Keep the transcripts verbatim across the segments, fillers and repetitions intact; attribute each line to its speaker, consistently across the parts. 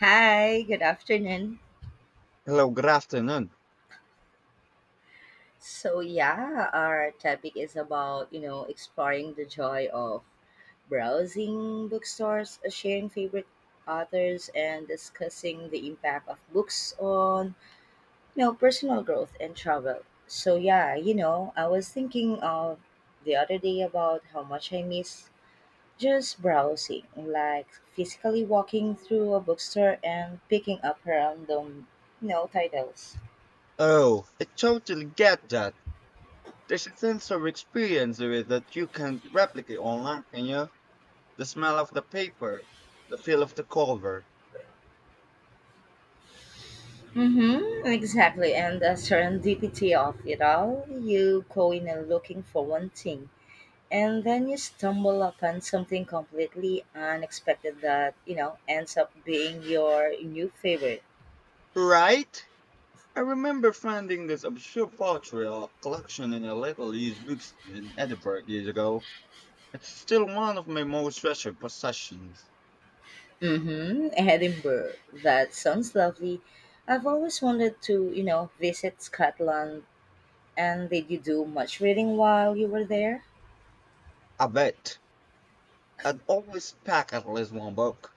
Speaker 1: Hi, good afternoon.
Speaker 2: Hello, good afternoon.
Speaker 1: So yeah, our topic is about, you know, exploring the joy of browsing bookstores, uh, sharing favorite authors and discussing the impact of books on, you know, personal growth and travel. So yeah, you know, I was thinking of the other day about how much I miss just browsing, like physically walking through a bookstore and picking up random, you know, titles.
Speaker 2: Oh, I totally get that. There's a sense of experience with it that you can replicate online, can you? The smell of the paper, the feel of the cover.
Speaker 1: Mm-hmm, exactly. And the serendipity of it all. You go in and looking for one thing, and then you stumble upon something completely unexpected that, you know, ends up being your new favorite.
Speaker 2: Right? I remember finding this obscure portrait collection in a little used bookstore in Edinburgh years ago. It's still one of my most treasured possessions.
Speaker 1: Mm-hmm, Edinburgh. That sounds lovely. I've always wanted to, you know, visit Scotland. And did you do much reading while you were there?
Speaker 2: I bet. I'd always pack at least one book.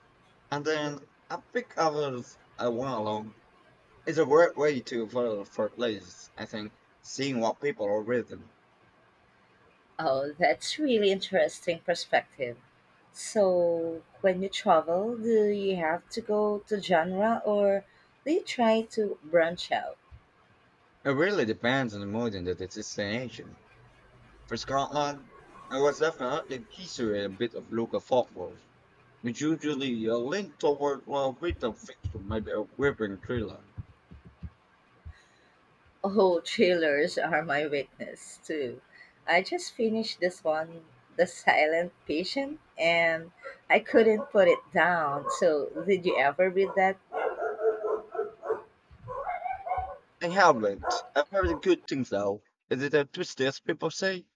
Speaker 2: And then I pick others I want along. It's a great way to follow for places, I think, seeing what people are reading.
Speaker 1: Oh, that's really interesting perspective. So, when you travel, do you have to go to genre or do you try to branch out?
Speaker 2: It really depends on the mood and the destination. For Scotland, I was definitely history and a bit of local folklore, which usually uh, lean toward well written fiction, maybe a gripping thriller.
Speaker 1: Oh, thrillers are my weakness too. I just finished this one, The Silent Patient, and I couldn't put it down. So, did you ever read that?
Speaker 2: In Hamlet, I've heard good things though. Is it a twist as people say?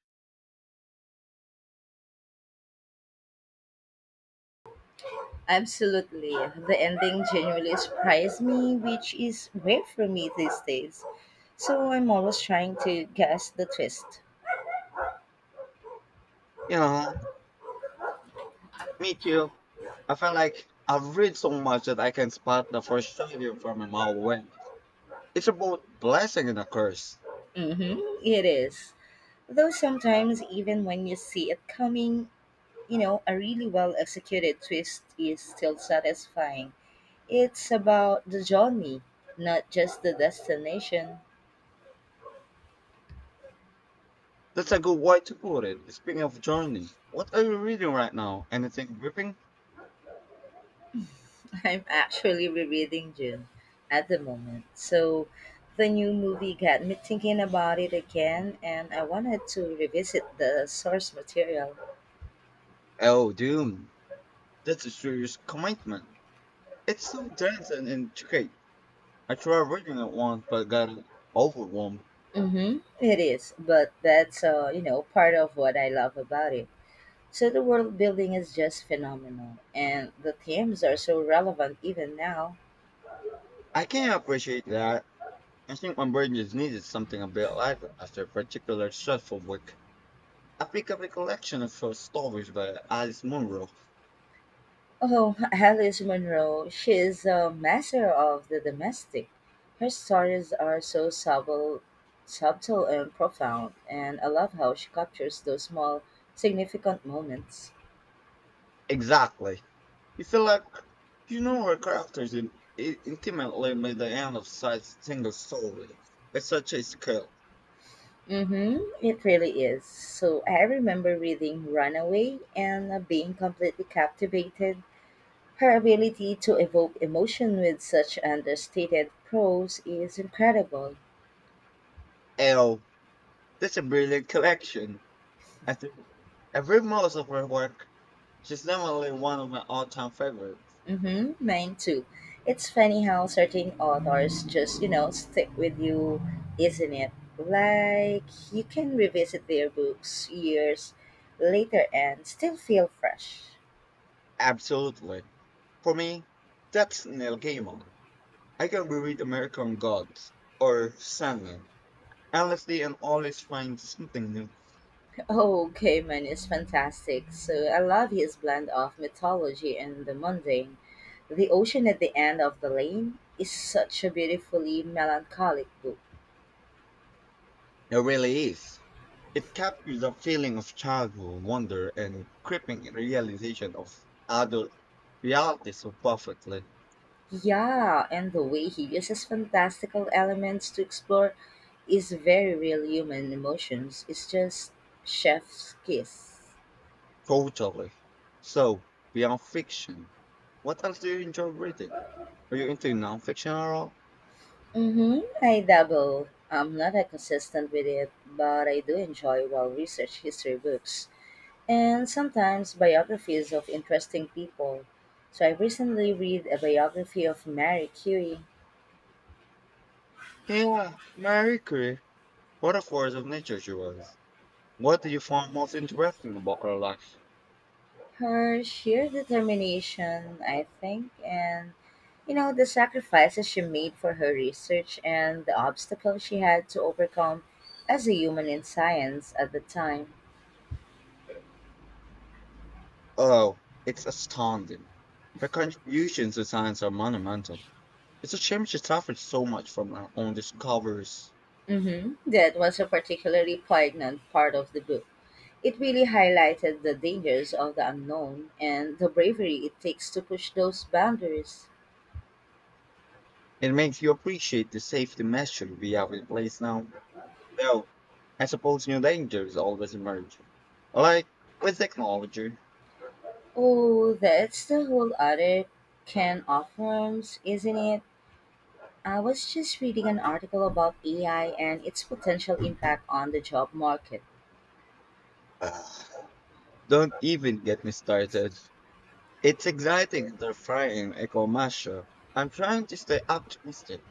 Speaker 1: Absolutely. The ending genuinely surprised me, which is rare for me these days. So I'm always trying to guess the twist.
Speaker 2: You know, me too. I feel like I've read so much that I can spot the first shade from a mile away. It's a both blessing and a curse.
Speaker 1: Mm-hmm, it is. Though sometimes, even when you see it coming, you know, a really well executed twist is still satisfying. It's about the journey, not just the destination.
Speaker 2: That's a good way to put it. Speaking of journey, what are you reading right now? Anything gripping?
Speaker 1: I'm actually rereading June at the moment. So the new movie got me thinking about it again, and I wanted to revisit the source material.
Speaker 2: Oh, Doom. That's a serious commitment. It's so dense and intricate. I tried reading it once but got overwhelmed.
Speaker 1: Mm-hmm. It is, but that's uh, you know part of what I love about it. So the world building is just phenomenal, and the themes are so relevant even now.
Speaker 2: I can appreciate that. I think my brain just needed something a bit lighter after a particular stressful week. I pick up a collection of short stories by Alice Munro.
Speaker 1: Oh, Alice Munro, she is a master of the domestic. Her stories are so subtle, subtle and profound, and I love how she captures those small, significant moments.
Speaker 2: Exactly. You feel like you know her characters in, i- intimately by the end of such single story at such a scale.
Speaker 1: Mm-hmm, it really is. So I remember reading Runaway and uh, being completely captivated. Her ability to evoke emotion with such understated prose is incredible.
Speaker 2: L, that's a brilliant collection. I think I've read most of her work. She's definitely one of my all-time favorites.
Speaker 1: Mhm, mine too. It's funny how certain authors just, you know, stick with you, isn't it? Like you can revisit their books years later and still feel fresh.
Speaker 2: Absolutely. For me, that's Neil Gaiman. I can reread American Gods or Sandman endlessly and always find something new.
Speaker 1: Oh, Gaiman is fantastic. So I love his blend of mythology and the mundane. The Ocean at the End of the Lane is such a beautifully melancholic book.
Speaker 2: It really is. It captures the feeling of childhood wonder and creeping realization of adult reality so perfectly.
Speaker 1: Yeah, and the way he uses fantastical elements to explore. It's very real human emotions. It's just chef's kiss.
Speaker 2: Totally. So, beyond fiction, what else do you enjoy reading? Are you into nonfiction at all?
Speaker 1: Mm-hmm. I dabble. I'm not that consistent with it, but I do enjoy well researched history books and sometimes biographies of interesting people. So I recently read a biography of Mary Curie.
Speaker 2: Yeah, Marie Curie. What a force of nature she was. What do you find most interesting about her life?
Speaker 1: Her sheer determination, I think, and you know, the sacrifices she made for her research and the obstacles she had to overcome as a human in science at the time.
Speaker 2: Oh, it's astounding. Her contributions to science are monumental. It's a shame she suffered so much from our own discoveries.
Speaker 1: Hmm, that was a particularly poignant part of the book. It really highlighted the dangers of the unknown and the bravery it takes to push those boundaries.
Speaker 2: It makes you appreciate the safety measures we have in place now. Though, I suppose new dangers always emerge. Like with technology.
Speaker 1: Oh, that's the whole other can of worms, isn't it? I was just reading an article about A I and its potential impact on the job market.
Speaker 2: Ah, don't even get me started. It's exciting and terrifying, Echo Masha. I'm trying to stay optimistic,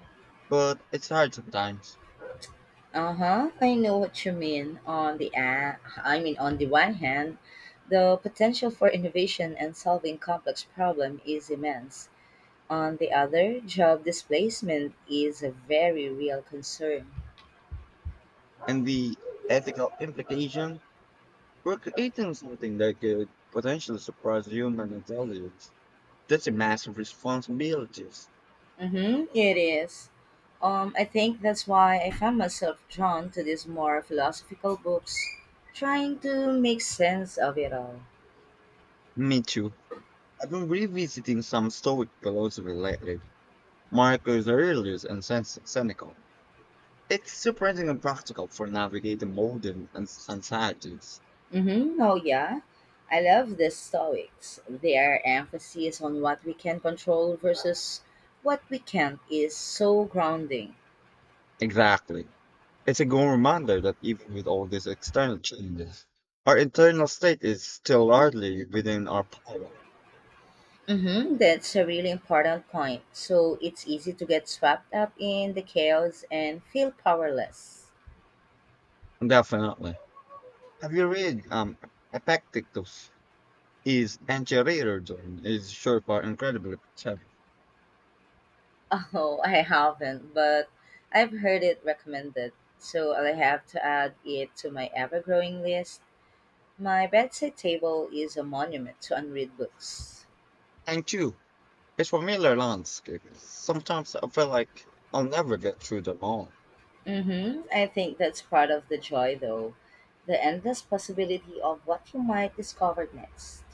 Speaker 2: but it's hard sometimes.
Speaker 1: Uh-huh. I know what you mean. On the a- I mean on the one hand, the potential for innovation and solving complex problem is immense. On the other, job displacement is a very real concern.
Speaker 2: And the ethical implication, we're creating something that could potentially surprise human intelligence. That's a massive responsibilities.
Speaker 1: Mm-hmm, it is. Um, I think that's why I found myself drawn to these more philosophical books, trying to make sense of it all.
Speaker 2: Me too. I've been revisiting some Stoic philosophy lately. Marcus Aurelius and Sen- Seneca. It's surprisingly practical for navigating modern ans- anxieties.
Speaker 1: Mm-hmm. Oh, yeah. I love the Stoics. Their emphasis on what we can control versus what we can't is so grounding.
Speaker 2: Exactly. It's a good reminder that even with all these external changes, our internal state is still largely within our power.
Speaker 1: Mm-hmm. That's a really important point. So it's easy to get swept up in the chaos and feel powerless.
Speaker 2: Definitely. Have you read um Epictetus? His Anti-Radar is sure for incredibly clever.
Speaker 1: Oh, I haven't, but I've heard it recommended. So I'll have to add it to my ever growing list. My bedside table is a monument to unread books.
Speaker 2: Thank you. It's familiar landscapes. Sometimes I feel like I'll never get through them all.
Speaker 1: Mm-hmm. I think that's part of the joy, though. The endless possibility of what you might discover next.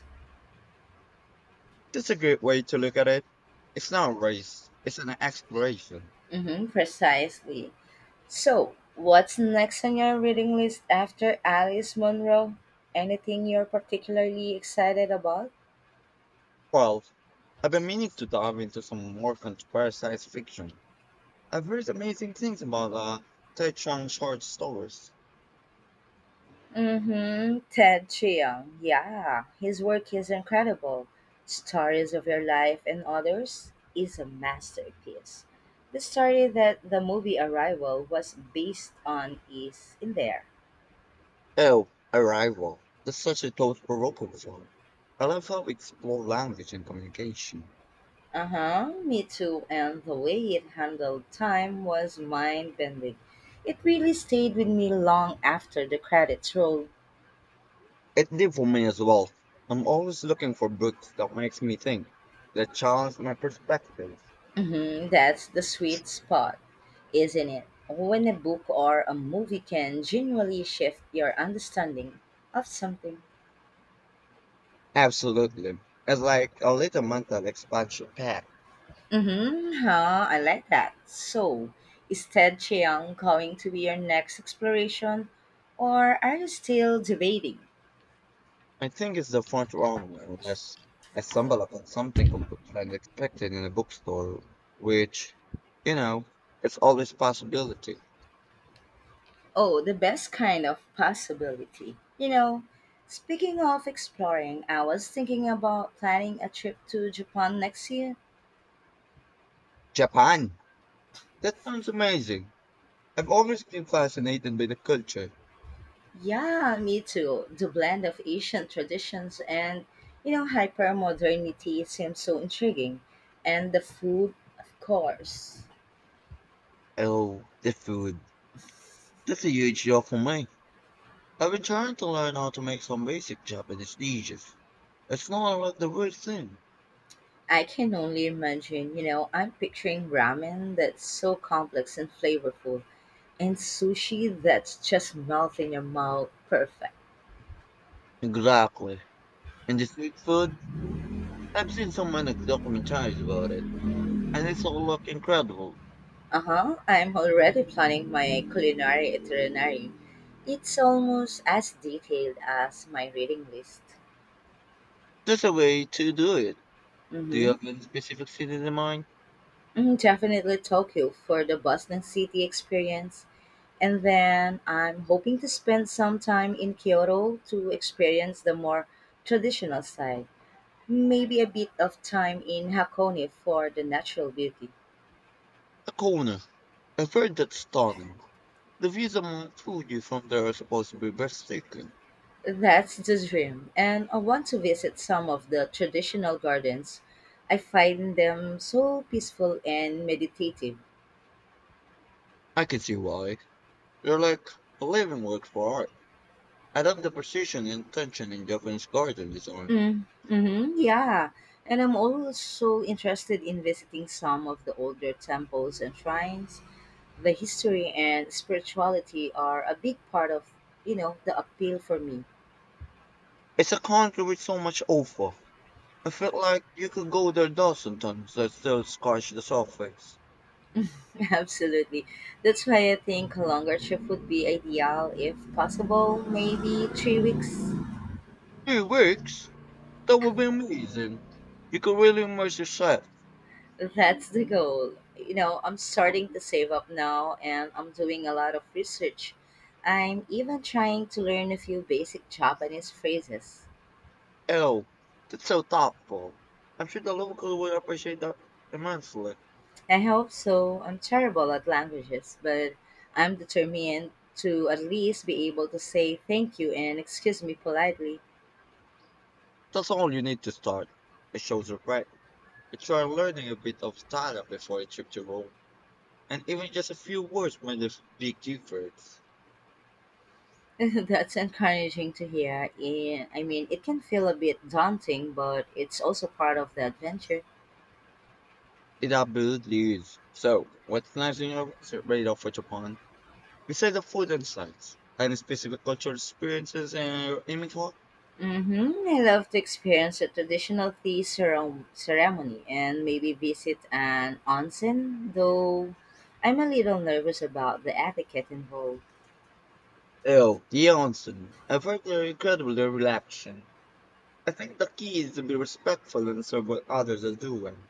Speaker 2: It's a great way to look at it. It's not a race, it's an exploration.
Speaker 1: Mm-hmm. Precisely. So, what's next on your reading list after Alice Munro? Anything you're particularly excited about?
Speaker 2: Well, I've been meaning to dive into some more contemporary science fiction. I've heard amazing things about uh, Tai Chang short stories.
Speaker 1: Mm-hmm. Ted Chiang. Yeah, his work is incredible. Stories of Your Life and Others is a masterpiece. The story that the movie Arrival was based on is in there.
Speaker 2: Oh, Arrival. That's such a thought provoking one. I love how we explore language and communication.
Speaker 1: Uh huh. Me too. And the way it handled time was mind bending. It really stayed with me long after the credits rolled.
Speaker 2: It did for me as well. I'm always looking for books that makes me think, that challenge my perspective.
Speaker 1: Mm-hmm. That's the sweet spot. Isn't it? When a book or a movie can genuinely shift your understanding of something.
Speaker 2: Absolutely. It's like a little mental expansion pack.
Speaker 1: Mm-hmm. Huh, I like that. So, is Ted Chiang going to be your next exploration, or are you still debating?
Speaker 2: I think it's the first one unless I stumble upon something completely unexpected in a bookstore, which, you know, it's always possibility.
Speaker 1: Oh, the best kind of possibility. You know, speaking of exploring, I was thinking about planning a trip to Japan next year.
Speaker 2: Japan! That sounds amazing. I've always been fascinated by the culture.
Speaker 1: Yeah, me too. The blend of ancient traditions and, you know, hypermodernity seems so intriguing. And the food, of course.
Speaker 2: Oh, the food. That's a huge draw for me. I've been trying to learn how to make some basic Japanese dishes. It's not like the weird thing.
Speaker 1: I can only imagine, you know, I'm picturing ramen that's so complex and flavorful, and sushi that's just melt in your mouth perfect.
Speaker 2: Exactly. And the street food, I've seen so many documentaries about it, and it's all look incredible.
Speaker 1: Uh huh. I'm already planning my culinary itinerary. It's almost as detailed as my reading list.
Speaker 2: There's a way to do it.
Speaker 1: Mm
Speaker 2: Do you
Speaker 1: hmm.
Speaker 2: have any specific city in mind?
Speaker 1: Mm, definitely Tokyo for the bustling city experience. And then I'm hoping to spend some time in Kyoto to experience the more traditional side. Maybe a bit of time in Hakone for the natural beauty.
Speaker 2: A corner. I've heard that's stunning. The views on Mount Fuji from there are supposed to be breathtaking.
Speaker 1: That's the dream. And I want to visit some of the traditional gardens. I find them so peaceful and meditative.
Speaker 2: I can see why. They're like a living work for art. I love the precision and tension in Japanese garden design.
Speaker 1: Mm, mm-hmm, yeah. And I'm also interested in visiting some of the older temples and shrines. The history and spirituality are a big part of, you know, the appeal for me.
Speaker 2: It's a country with so much offer. I feel like you could go there a dozen times and still scratch the surface.
Speaker 1: Absolutely. That's why I think a longer trip would be ideal if possible, maybe three weeks.
Speaker 2: Three weeks? That would be amazing. You could really immerse yourself.
Speaker 1: That's the goal. You know, I'm starting to save up now and I'm doing a lot of research. I'm even trying to learn a few basic Japanese phrases.
Speaker 2: Oh, that's so thoughtful. I'm sure the locals will appreciate that immensely.
Speaker 1: I hope so. I'm terrible at languages, but I'm determined to at least be able to say thank you and excuse me politely.
Speaker 2: That's all you need to start. It shows regret. You try learning a bit of Thailand before you trip to Rome, and even just a few words made a big difference.
Speaker 1: That's encouraging to hear. And I mean, it can feel a bit daunting, but it's also part of the adventure.
Speaker 2: It absolutely is. So, what's next in your research radar for Japan? Besides the food and sites, any specific cultural experiences and aiming for?
Speaker 1: Mm-hmm. I love to experience a traditional tea cere- ceremony and maybe visit an onsen, though I'm a little nervous about the etiquette involved.
Speaker 2: Oh, the onsen. I find they're incredibly relaxing. I think the key is to be respectful and serve what others are doing.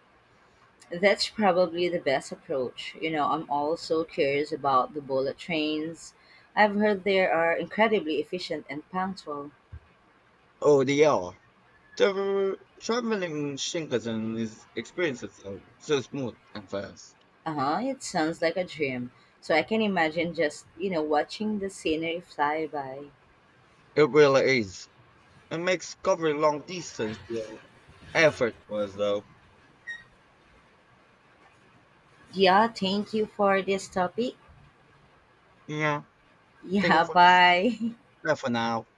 Speaker 1: That's probably the best approach. You know, I'm also curious about the bullet trains. I've heard they are incredibly efficient and punctual.
Speaker 2: Oh, they are. Travel, traveling Shinkansen is experiences though, so smooth and fast.
Speaker 1: Uh huh, it sounds like a dream. So I can imagine just, you know, watching the scenery fly by.
Speaker 2: It really is. It makes covering long distance feel effortless though.
Speaker 1: Yeah, thank you for this topic.
Speaker 2: Yeah, thank you
Speaker 1: Yeah,
Speaker 2: for this.
Speaker 1: bye.
Speaker 2: Bye for now.